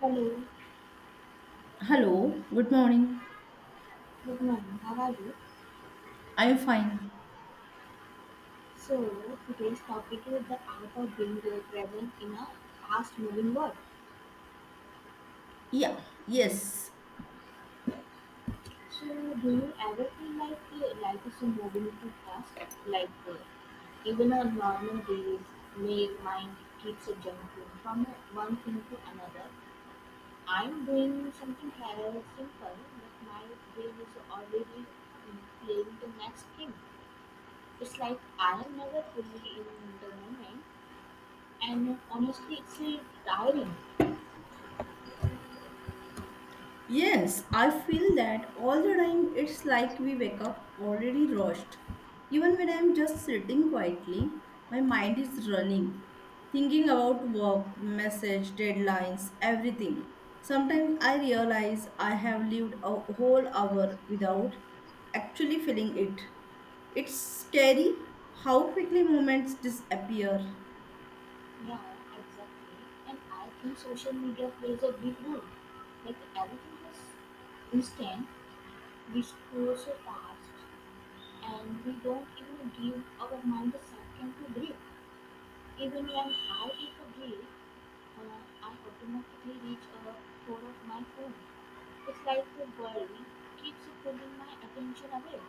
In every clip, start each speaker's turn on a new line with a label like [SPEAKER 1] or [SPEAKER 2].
[SPEAKER 1] Hello,
[SPEAKER 2] Hello, good morning.
[SPEAKER 1] good morning. How are you?
[SPEAKER 2] Are you fine?
[SPEAKER 1] So today's topic is the art of being present in a fast-moving world.
[SPEAKER 2] Yeah, yes,
[SPEAKER 1] So do you ever feel like life is moving too fast? Like even on normal days, my mind keeps jumping from one thing to another. I'm doing something rather simple, but my brain is already playing the next thing. It's like I am never fully in the moment. And honestly, it's tiring.
[SPEAKER 2] yes. I feel that all the time. It's like we wake up already rushed. Even when I'm just sitting quietly, my mind is running, thinking about work, message, deadlines, everything. Sometimes I realize I have lived a whole hour without actually feeling it. It's scary how quickly moments disappear.
[SPEAKER 1] Yeah, exactly. And I think social media plays a big role. Like everything is instant, we scroll so fast, and we don't even give our mind a second to breathe. Even when I take a break, I automatically reach a for of my phone. It's like the world keeps pulling my attention away.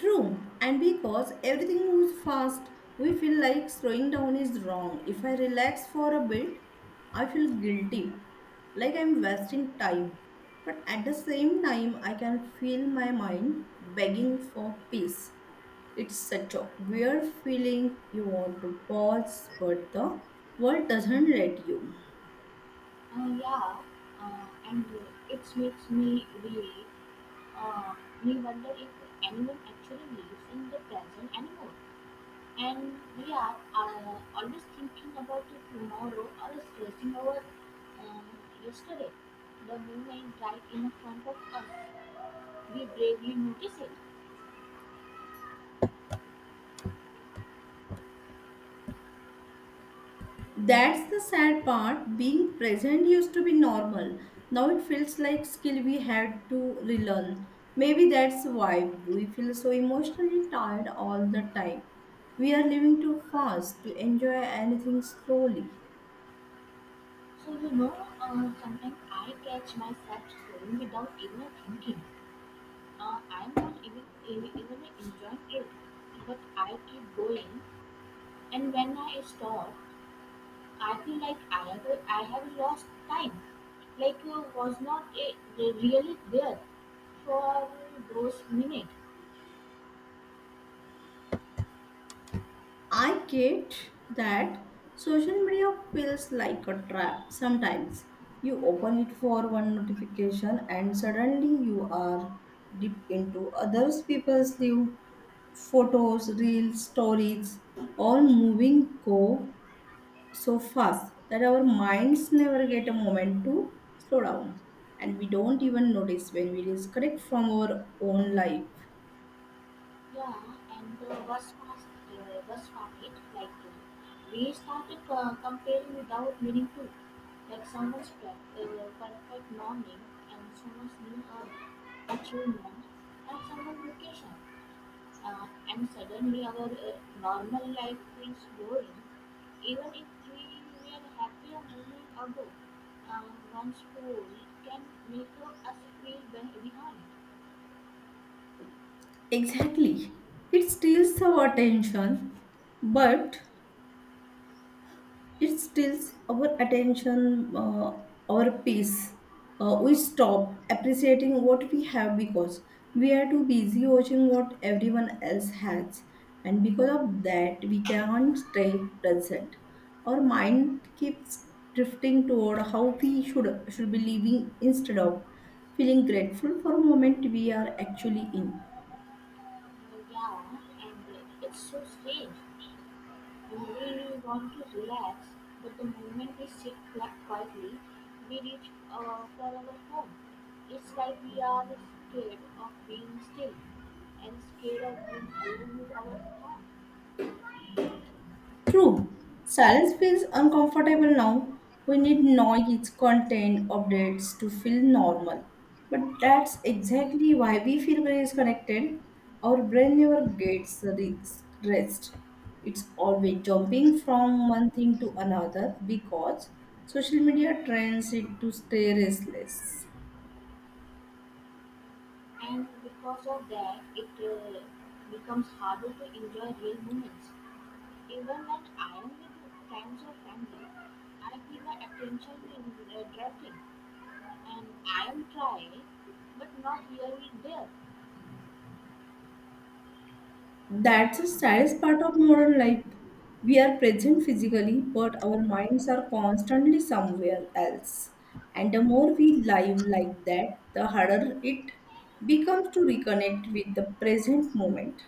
[SPEAKER 2] True, and because everything moves fast, we feel like slowing down is wrong. If I relax for a bit, I feel guilty, like I'm wasting time. But at the same time, I can feel my mind begging for peace. It's such a weird feeling. You want to pause, but the world doesn't let you.
[SPEAKER 1] Yeah, and it makes me really uh, we wonder if anyone actually lives in the present anymore. And we are always thinking about the tomorrow or stressing over um, yesterday. The moment right in front of us, we bravely notice it.
[SPEAKER 2] That's the sad part. Being present used to be normal. Now it feels like skill we had to relearn. Maybe that's why we feel so emotionally tired all the time. We are living too fast to enjoy anything slowly.
[SPEAKER 1] So sometimes I catch myself scrolling without even thinking. I am not even enjoying it, but I keep going. And when I stop, I feel like I have lost time, like was not a, really there for those minutes.
[SPEAKER 2] I get that social media feels like a trap sometimes. You open it for one notification and suddenly you are deep into others people's lives, photos, reels, stories, all moving go so fast that our minds never get a moment to slow down, and we don't even notice when we disconnect from our own life.
[SPEAKER 1] Yeah, and the worst part it like we started comparing without meaning to, like someone's perfect morning and someone's new achievement and someone's vacation. And suddenly our normal life feels boring, even if we were happy a moment ago. Uh, One school can make us feel behind.
[SPEAKER 2] Exactly. It steals our attention, but it steals our attention, our peace. We stop appreciating what we have because we are too busy watching what everyone else has. And because of that, we can't stay present. Our mind keeps drifting toward how we should be living instead of feeling grateful for a moment we are actually in.
[SPEAKER 1] Uh, yeah, and it's so strange. We really want to relax, but the moment we sit flat quietly, we reach for our home. It's like we are scared of being still and scared of being alone with our thoughts.
[SPEAKER 2] True, silence feels uncomfortable now. We need noise, content, updates to feel normal. But that's exactly why we feel very disconnected. Our brain never gets rest. It's always jumping from one thing to another because social media trains it to stay restless.
[SPEAKER 1] And because of that, it becomes harder to enjoy real moments. Even when I am with friends or family, I feel my attention is drifting, and I am trying, but not really there.
[SPEAKER 2] That's the saddest part of modern life. We are present physically, but our minds are constantly somewhere else. And the more we live like that, the harder it becomes to reconnect with the present moment.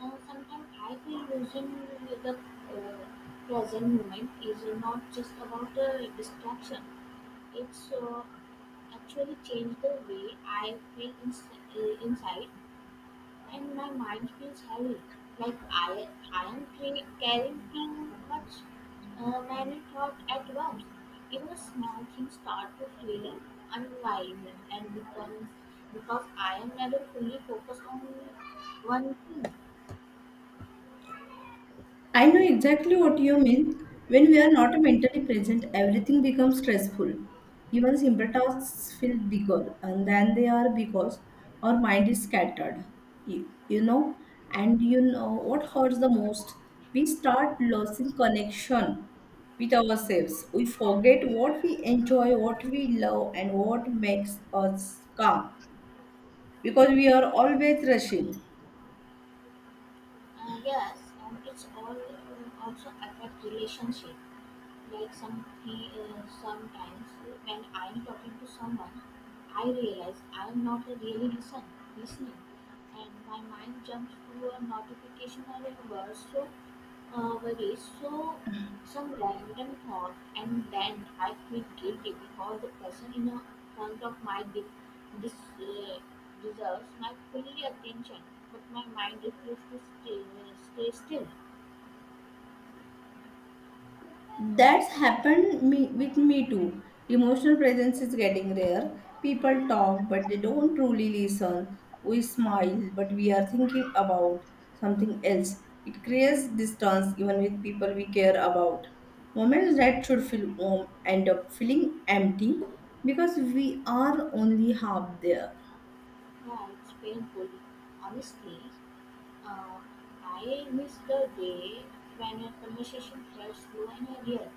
[SPEAKER 1] And sometimes I feel losing the present moment is not just about distraction. It's actually changed the way I feel inside, and my mind feels heavy, like I am carrying too much, many thoughts at once. Even small things start to feel unwinding and becomes because I am never fully focused on one thing.
[SPEAKER 2] I know exactly what you mean. When we are not mentally present, everything becomes stressful. Even simple tasks feel bigger and than they are because our mind is scattered. You, you know, and you know what hurts the most? We start losing connection with ourselves. We forget what we enjoy, what we love, and what makes us calm because we are always rushing.
[SPEAKER 1] Yes, and it's all also affect relationship. Like sometimes when I am talking to someone, I realize I am not a really listening, and my mind jumps to a notification or a word so worries so some random thought, and then I feel guilty because the person in a front of my de- dis uh, deserves my fully attention, but my mind refuses to stay still.
[SPEAKER 2] That's happened me, with me too. Emotional presence is getting rare. People talk, but they don't truly listen. We smile, but we are thinking about something else. It creates distance even with people we care about. Moments that should feel warm end up feeling empty because we are only half there.
[SPEAKER 1] Yeah, it's painful, honestly. Uh, I miss the day when a conversation felt slow and real,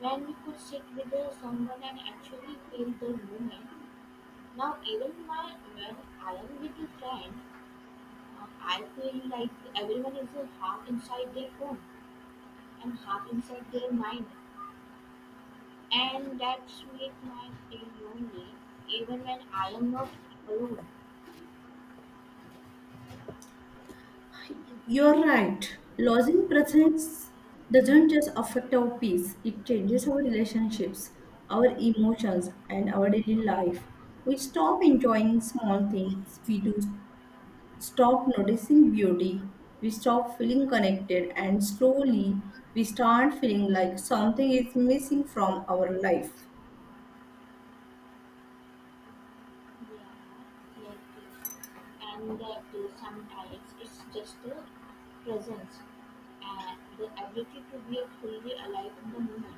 [SPEAKER 1] when we could sit with someone and actually feel the moment. Now, even when I am with a friend, I feel like everyone is half inside their phone and half inside their mind, and that's make my feel lonely even when I am not alone.
[SPEAKER 2] You're right. Losing presence doesn't just affect our peace, it changes our relationships, our emotions, and our daily life. We stop enjoying small things, we do stop noticing beauty, we stop feeling connected, and slowly we start feeling like something is missing from our life.
[SPEAKER 1] Yeah, like, and to some diets, it's just a presence and the ability to be fully alive in the moment.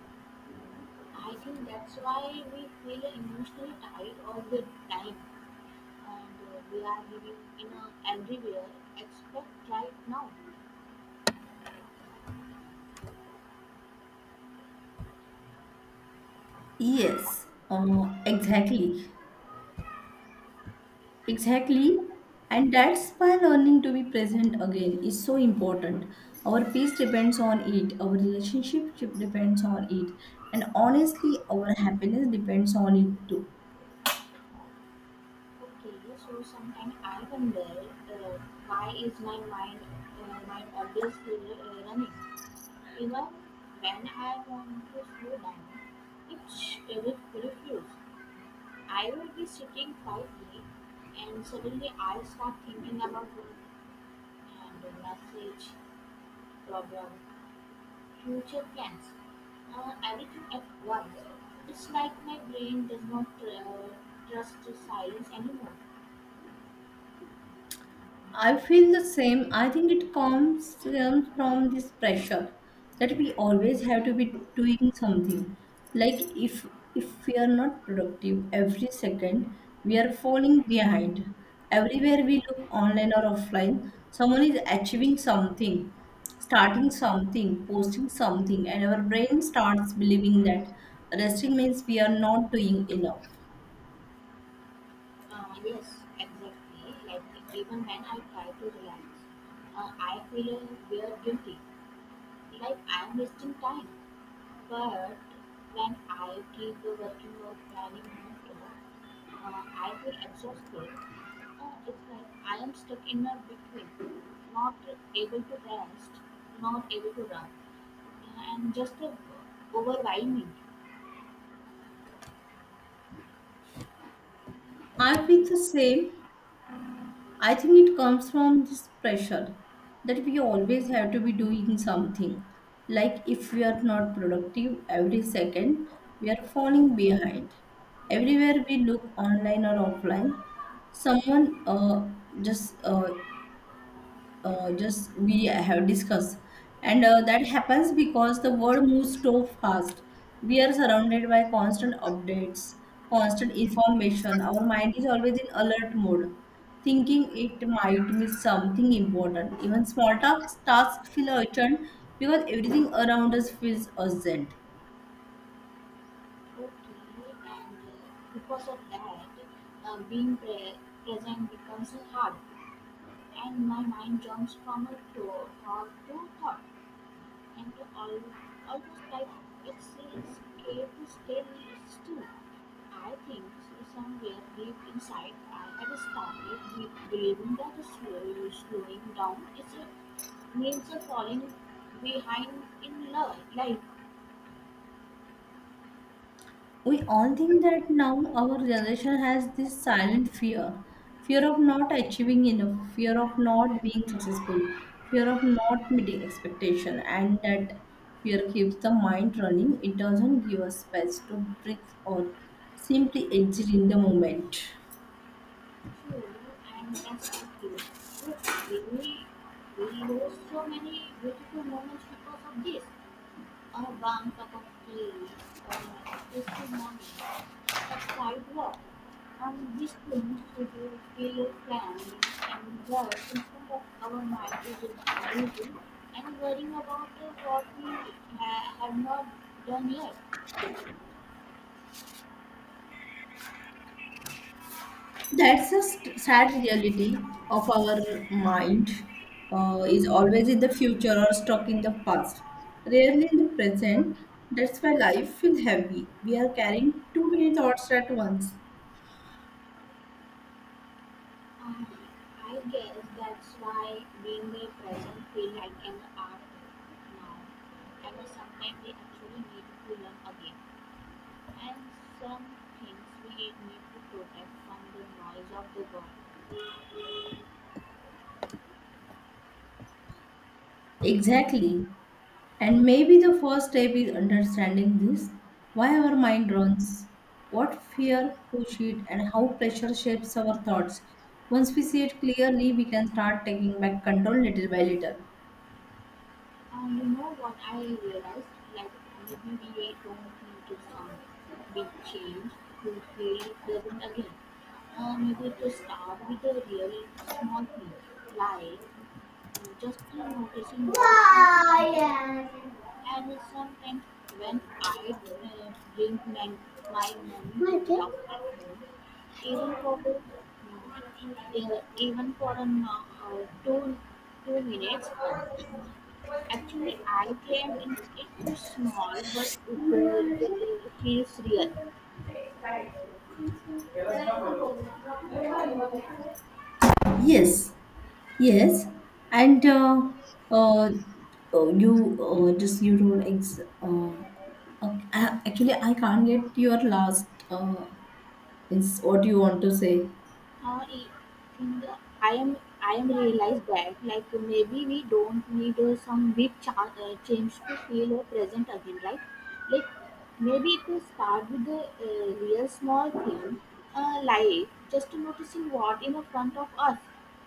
[SPEAKER 1] I think that's why we feel emotionally tired all the time, and we are living in a everywhere expect right now.
[SPEAKER 2] Yes, exactly. Exactly. And that's why learning to be present again is so important. Our peace depends on it, our relationship depends on it, and honestly, our happiness depends on it too.
[SPEAKER 1] Okay, so sometimes I wonder uh, why is my mind always running. Even when I want to slow down, it refuses. I will be sitting quietly, and suddenly I start thinking about work and the message, problem, future plans, everything at once. It's like my brain does not trust the silence anymore.
[SPEAKER 2] I feel the same. I think it comes from this pressure that we always have to be doing something. Like if we are not productive every second, we are falling behind. Everywhere we look online or offline, someone is achieving something, starting something, posting something, and our brain starts believing that resting means we are not doing enough.
[SPEAKER 1] Yes, exactly. Like even when I try to relax, I feel weird guilty, like I am wasting time. But when I keep working or planning nonstop, I feel exhausted. It's like I am stuck in a between, not able to rest, not able to run, and just overwhelming.
[SPEAKER 2] I feel the same. I think it comes from this pressure that we always have to be doing something. Like if we are not productive every second, we are falling behind. Everywhere we look online or offline, someone just uh, just we have discussed, and that happens because the world moves so fast, we are surrounded by constant updates, constant information, our mind is always in alert mode, thinking it might miss something important, even small tasks feel urgent because everything around us feels urgent.
[SPEAKER 1] Okay, and because of that, being present becomes hard, and my mind jumps from thought to thought. And al- almost like it's scared to stay still. I think somewhere deep inside I have started believing that slowing down is a means of falling behind in love, life.
[SPEAKER 2] We all think that now. Our generation has this silent fear of not achieving enough, fear of not being successful, fear of not meeting expectation, and that fear keeps the mind running. It doesn't give us space to breathe or simply exit in the moment.
[SPEAKER 1] True, and that's what you. But really, we lose so many beautiful moments because of this. A warm cup of tea, or a peaceful morning. A sidewalk on which things should we feel planning and work instead of our mind is busy and worrying about what we have not done yet.
[SPEAKER 2] That's a sad reality of our mind, is always in the future or stuck in the past, rarely in the present. That's why life feels heavy. We are carrying too many thoughts at once.
[SPEAKER 1] Uh, I guess that's why being the present feel like an art now. And sometimes we actually need to learn again. And some things we need to protect from the noise of the world.
[SPEAKER 2] Exactly. And maybe the first step is understanding this: why our mind runs, what fear push it, and how pressure shapes our thoughts. Once we see it clearly, we can start taking back control little by little.
[SPEAKER 1] And you know what I realized? Like maybe we don't need to some big change to feel pleasant again. Maybe to start with a really small thing, like just noticing what's in me.
[SPEAKER 2] Why?
[SPEAKER 1] And sometimes when I uh, bring my morning to
[SPEAKER 2] My thing?
[SPEAKER 1] without my home, even for even for two two minutes, actually, I came in. It was small, but the he's real.
[SPEAKER 2] Yes, yes, and uh, oh, you just you told okay, actually I can't get your last is what you want to say.
[SPEAKER 1] I think I am realized that like maybe we don't need some big change to feel present again, right? Like maybe to start with the real small thing, like just noticing what in the front of us.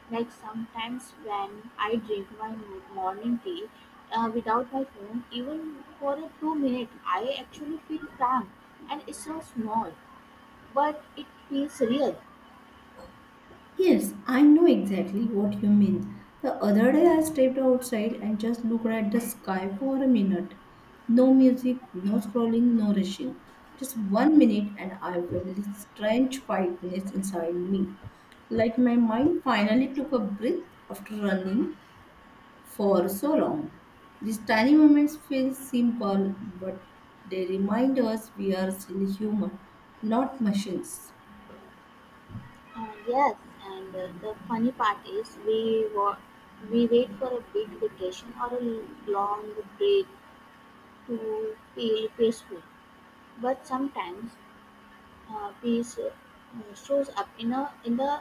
[SPEAKER 1] Like sometimes when I drink my morning tea without my phone, even for a 2 minute, I actually feel calm, and it's so small, but it feels real.
[SPEAKER 2] Yes, I know exactly what you mean. The other day I stepped outside and just looked at the sky for a minute. No music, no scrolling, no rushing. Just 1 minute and I felt this strange quietness inside me. Like my mind finally took a breath after running for so long. These tiny moments feel simple, but they remind us we are still human, not machines.
[SPEAKER 1] Yes, and the funny part is we wait for a big vacation or a long break to feel peaceful, but sometimes peace shows up in the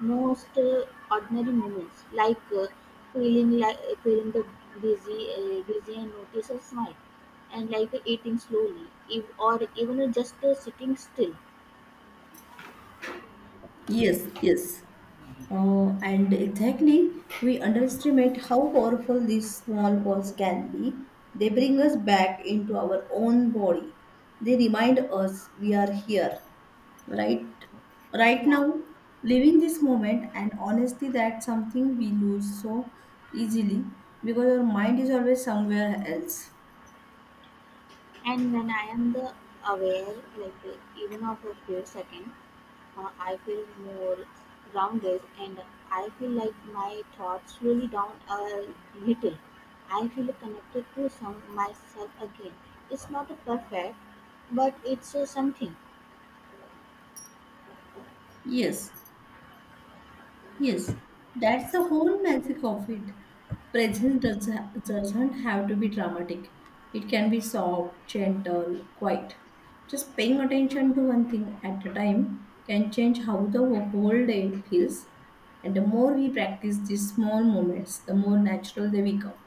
[SPEAKER 1] most ordinary moments, like feeling like feeling the busy and notice a smile, and like eating slowly, if, or even just sitting still.
[SPEAKER 2] Yes, yes. And exactly, we underestimate how powerful these small walls can be. They bring us back into our own body. They remind us we are here, right? Right
[SPEAKER 1] Yeah,
[SPEAKER 2] now, living this moment, and honestly, that's something we lose so easily because our mind is always somewhere else.
[SPEAKER 1] and when I am the aware, like even of a few seconds, I feel more grounded, and I feel like my thoughts slowly down a little. I feel connected to some myself again. It's not a perfect, but it's something.
[SPEAKER 2] Yes, yes, that's the whole magic of it. Presence doesn't have to be dramatic. It can be soft, gentle, quiet. Just paying attention to one thing at a time can change how the whole day feels. And the more we practice these small moments, the more natural they become.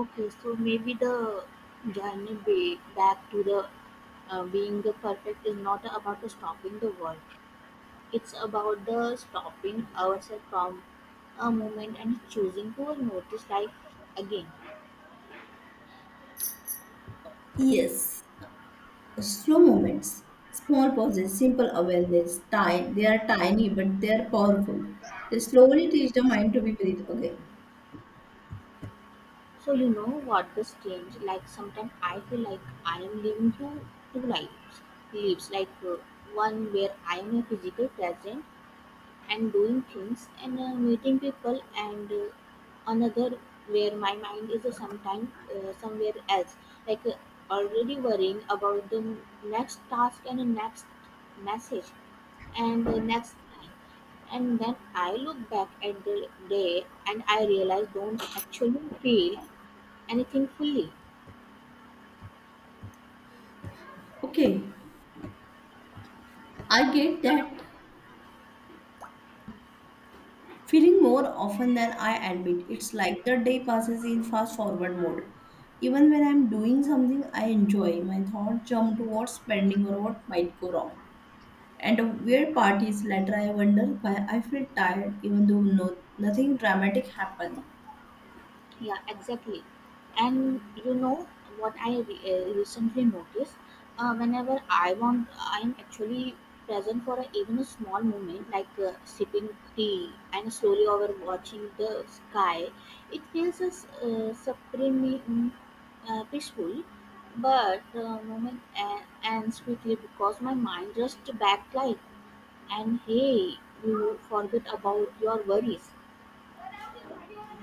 [SPEAKER 1] Okay, so maybe the journey be back to the being the perfect is not about stopping the world. It's about the stopping ourselves from a moment and choosing to notice life again.
[SPEAKER 2] Yes, slow moments, small pauses, simple awareness. Tiny, they are tiny, but they are powerful. They slowly teach the mind to be breathe again.
[SPEAKER 1] So you know what the strange, like sometimes I feel like I am living two lives, like one where I am a physical present and doing things and meeting people and another where my mind is sometime somewhere else, like already worrying about the next task and the next message and the next time, and then I look back at the day and I realize don't actually feel anything fully.
[SPEAKER 2] Okay, I get that feeling more often than I admit. It's like the day passes in fast forward mode. Even when I'm doing something I enjoy, my thoughts jump to what's pending or what might go wrong. And a weird part is later I wonder why I feel tired even though no, nothing dramatic happened.
[SPEAKER 1] Yeah, exactly. And you know what I recently noticed? Whenever I want, I'm actually present for a, even a small moment, like sipping tea and slowly over watching the sky. It feels as supremely peaceful, but the moment ends quickly because my mind just backlight, and hey, you forget about your worries.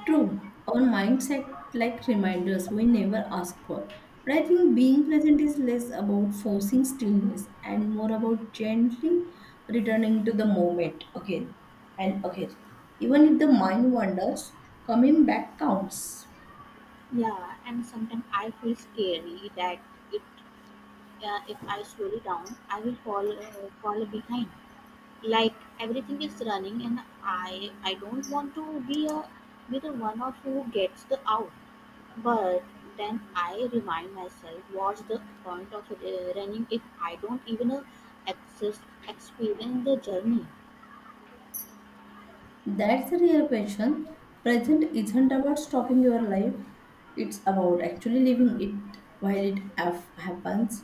[SPEAKER 2] True, our minds act like reminders we never ask for. But I think being present is less about forcing stillness and more about gently returning to the moment again and again. Even if the mind wanders, coming back counts.
[SPEAKER 1] Yeah, and sometimes I feel scary that it, if I slow down, I will fall behind. Like everything is running, and I don't want to be the one of who gets the out. But then I remind myself, what's the point of running if I don't even access experience the journey?
[SPEAKER 2] That's the real question. Present isn't about stopping your life, it's about actually living it while it happens.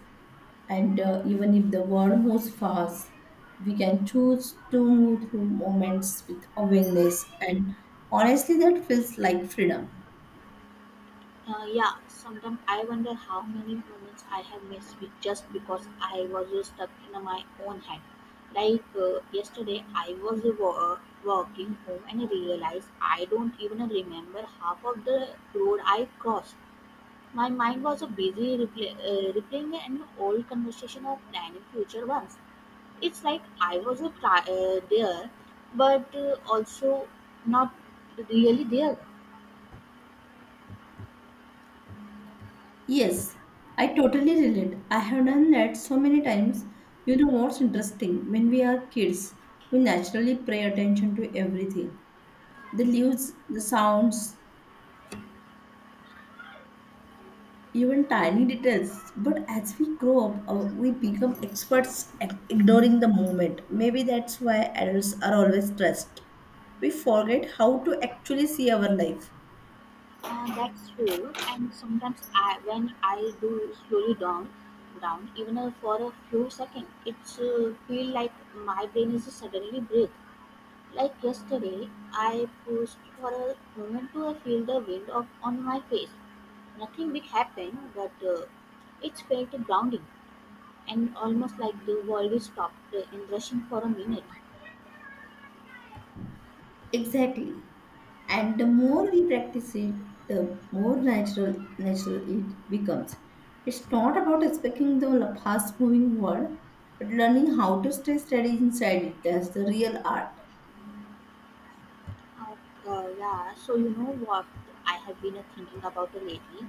[SPEAKER 2] And even if the world moves fast, we can choose to move through moments with awareness, and honestly, that feels like freedom.
[SPEAKER 1] Yeah, sometimes I wonder how many moments I have missed with just because I was so stuck in my own head. Like yesterday, I was walking home and realized I don't even remember half of the road I crossed. My mind was busy replaying an old conversation or planning future ones. It's like I was there, but also not really there.
[SPEAKER 2] Yes, I totally relate. I have done that so many times. You know what's interesting? When we are kids, we naturally pay attention to everything, the leaves, the sounds, even tiny details, but as we grow up we become experts at ignoring the moment. Maybe that's why adults are always stressed. We forget how to actually see our life.
[SPEAKER 1] That's true. And sometimes when I do slowly down even for a few seconds, it's feel like my brain is suddenly breathe. Like yesterday, I pushed for a moment to feel the wind of on my face. Nothing big happened, but it felt grounding and almost like the world is stopped and rushing for a minute.
[SPEAKER 2] Exactly. And the more we practice it, the more natural it becomes. It's not about escaping the fast moving world, but learning how to stay steady inside it. That's the real art.
[SPEAKER 1] Yeah, so you know what I have been thinking about lately?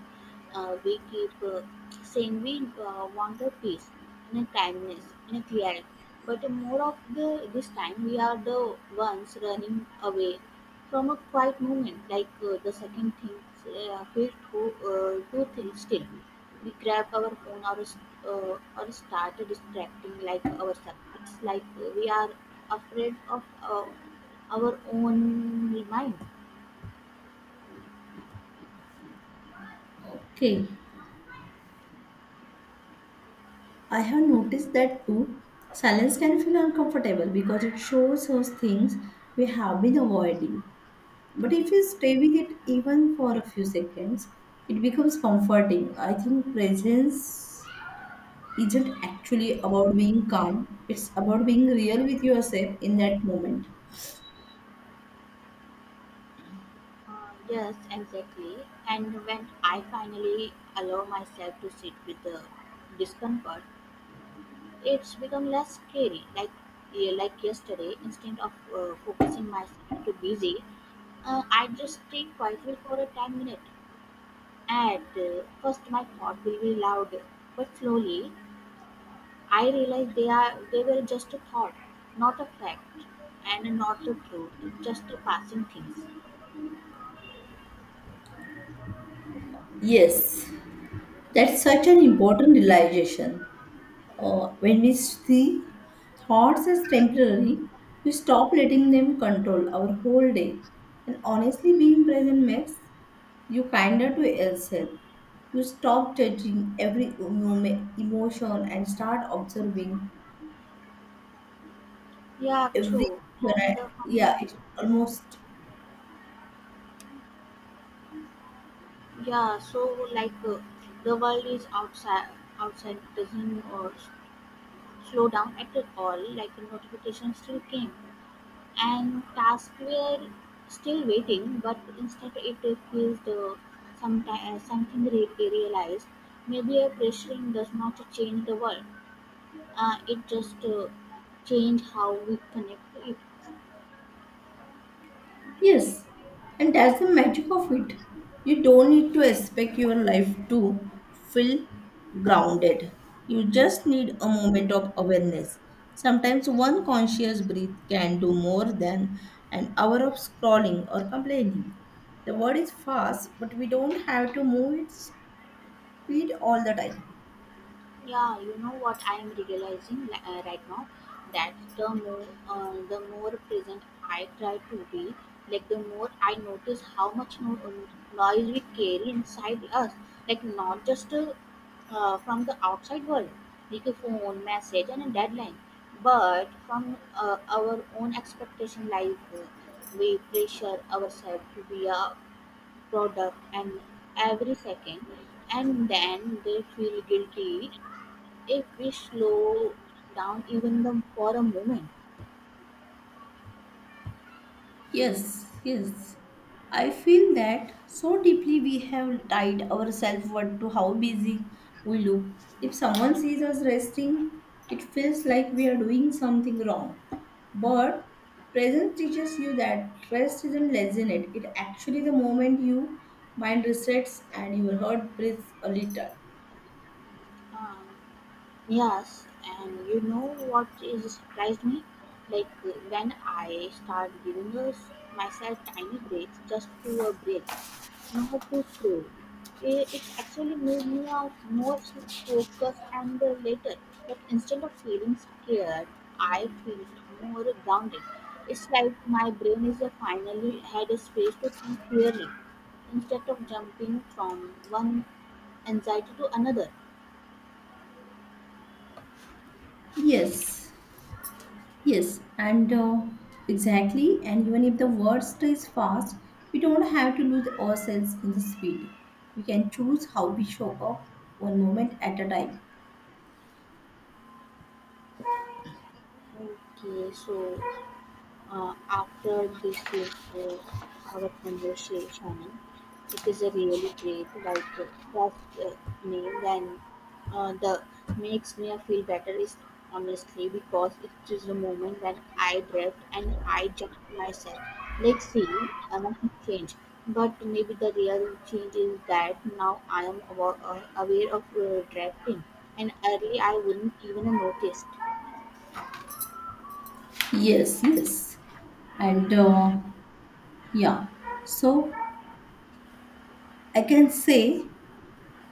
[SPEAKER 1] We keep saying we want a peace and a kindness and a clarity, but more of the this time we are the ones running away from a quiet moment. Like the second things feel to two things still, we grab our phone or start distracting like ourselves. It's like we are afraid of. Our own mind.
[SPEAKER 2] Okay, I have noticed that too. Silence can feel uncomfortable because it shows us things we have been avoiding. But if you stay with it even for a few seconds, it becomes comforting. I think presence isn't actually about being calm, it's about being real with yourself in that moment.
[SPEAKER 1] Yes, exactly. And when I finally allow myself to sit with the discomfort, it's become less scary. Like yeah, like yesterday, instead of focusing myself to busy, I just stay quietly for a 10 minute. At first, my thought will be loud, but slowly I realize they were just a thought, not a fact, and not the truth, just a passing things.
[SPEAKER 2] Yes, that's such an important realization. When we see thoughts as temporary, we stop letting them control our whole day. And honestly, being present makes you kinder to yourself. You stop judging every emotion and start observing
[SPEAKER 1] Yeah,
[SPEAKER 2] every.
[SPEAKER 1] true. And the
[SPEAKER 2] Yeah,
[SPEAKER 1] hum-
[SPEAKER 2] it's almost.
[SPEAKER 1] yeah, so like the world outside doesn't slow down at all. Like the notification still came, and tasks were still waiting. But instead, it feels the sometime realized. Maybe a pressuring does not change the world. It just change how we connect to it.
[SPEAKER 2] Yes, and that's the magic of it. You don't need to expect your life to feel grounded. You just need a moment of awareness. Sometimes one conscious breath can do more than an hour of scrolling or complaining. The world is fast, but we don't have to move its speed all the time.
[SPEAKER 1] Yeah, you know what I am realizing right now that the more present I try to be, like the more I notice how much noise we carry inside us, like not just from the outside world, like a phone, message, and a deadline, but from our own expectation, like we pressure ourselves to be a product and every second, and then they feel guilty if we slow down even the, for a moment.
[SPEAKER 2] Yes, yes. I feel that so deeply we have tied our self worth to how busy we look. If someone sees us resting, it feels like we are doing something wrong. But presence teaches you that rest isn't laziness, it actually the moment you mind resets and your heart breathes a little.
[SPEAKER 1] Um, yes, and you know what is surprised me? Like when I start giving us myself tiny breaks just to a break, not to scroll. It actually made me a more focused and later. Like instead of feeling scared, I feel more grounded. It's like my brain is finally had a space to think clearly instead of jumping from one anxiety to another.
[SPEAKER 2] Yes. Yes, and exactly. And even if the world stays fast, we don't have to lose ourselves in the speed. We can choose how we show up one moment at a time.
[SPEAKER 1] Okay, so after this is uh, our conversation, it is a really great like first uh, meal and the makes me feel better is honestly because it is a moment when I drift and I jump myself. Like see, nothing changed. But maybe the real change is that now I am aware of drifting, and early I wouldn't even noticed.
[SPEAKER 2] Yes, yes. And yeah, so I can say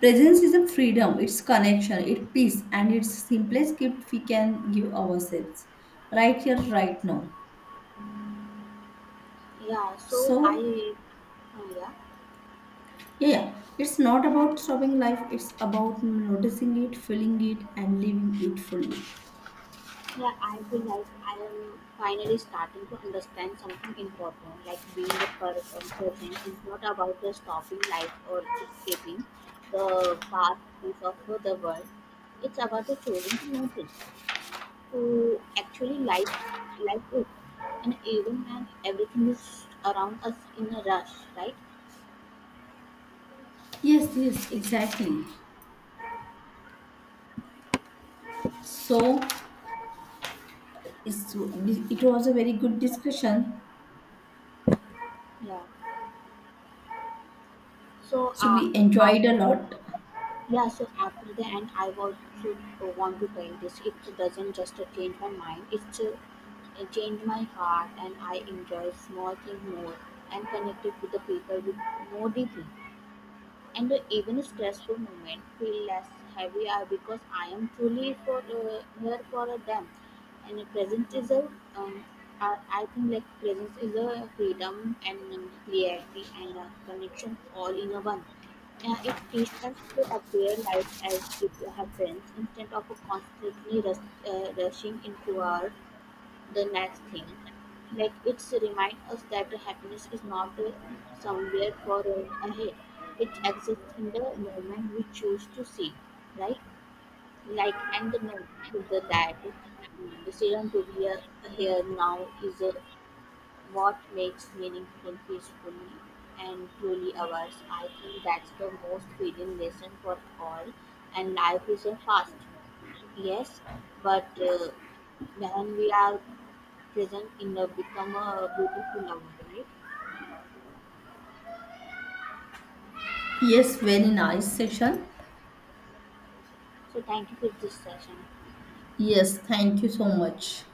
[SPEAKER 2] presence is a freedom, it's connection, it's peace, and it's simplest gift we can give ourselves right here, right now.
[SPEAKER 1] Yeah, so
[SPEAKER 2] So.
[SPEAKER 1] yeah.
[SPEAKER 2] Yeah, yeah. It's not about stopping life, it's about noticing it, feeling it, and living it fully.
[SPEAKER 1] Yeah, I feel like I am finally starting to understand something important, like being present is not about the stopping life or escaping the path of the world. It's about the choosing to notice, to actually like it, and even when everything is around us in a rush, right?
[SPEAKER 2] Yes, yes, exactly. So, it was a very good discussion.
[SPEAKER 1] Yeah. So,
[SPEAKER 2] So, we enjoyed a
[SPEAKER 1] after
[SPEAKER 2] lot.
[SPEAKER 1] yeah, so after the end, I also want to try this. It doesn't just change my mind; it changed my heart, and I enjoy small things more and connected with the people with more deeply and even a stressful moment feel less heavy because I am truly for here for them. And um, I think like presence is a freedom and clarity and a connection all in a one. It teaches us to appear life as it happens instead of rushing into our the next thing. Like it's remind us that happiness is not somewhere far ahead. It exists in the moment we choose to see, right? Like and the mo- the that mm, decision to be here now is what makes meaningful, peacefully, and truly ours. I think that's the most feeling lesson for all. And life is a fast, yes, but when we are present in the Become a Beautiful Lover, right?
[SPEAKER 2] Yes, very nice session.
[SPEAKER 1] So thank you for this session.
[SPEAKER 2] Yes, thank you so much.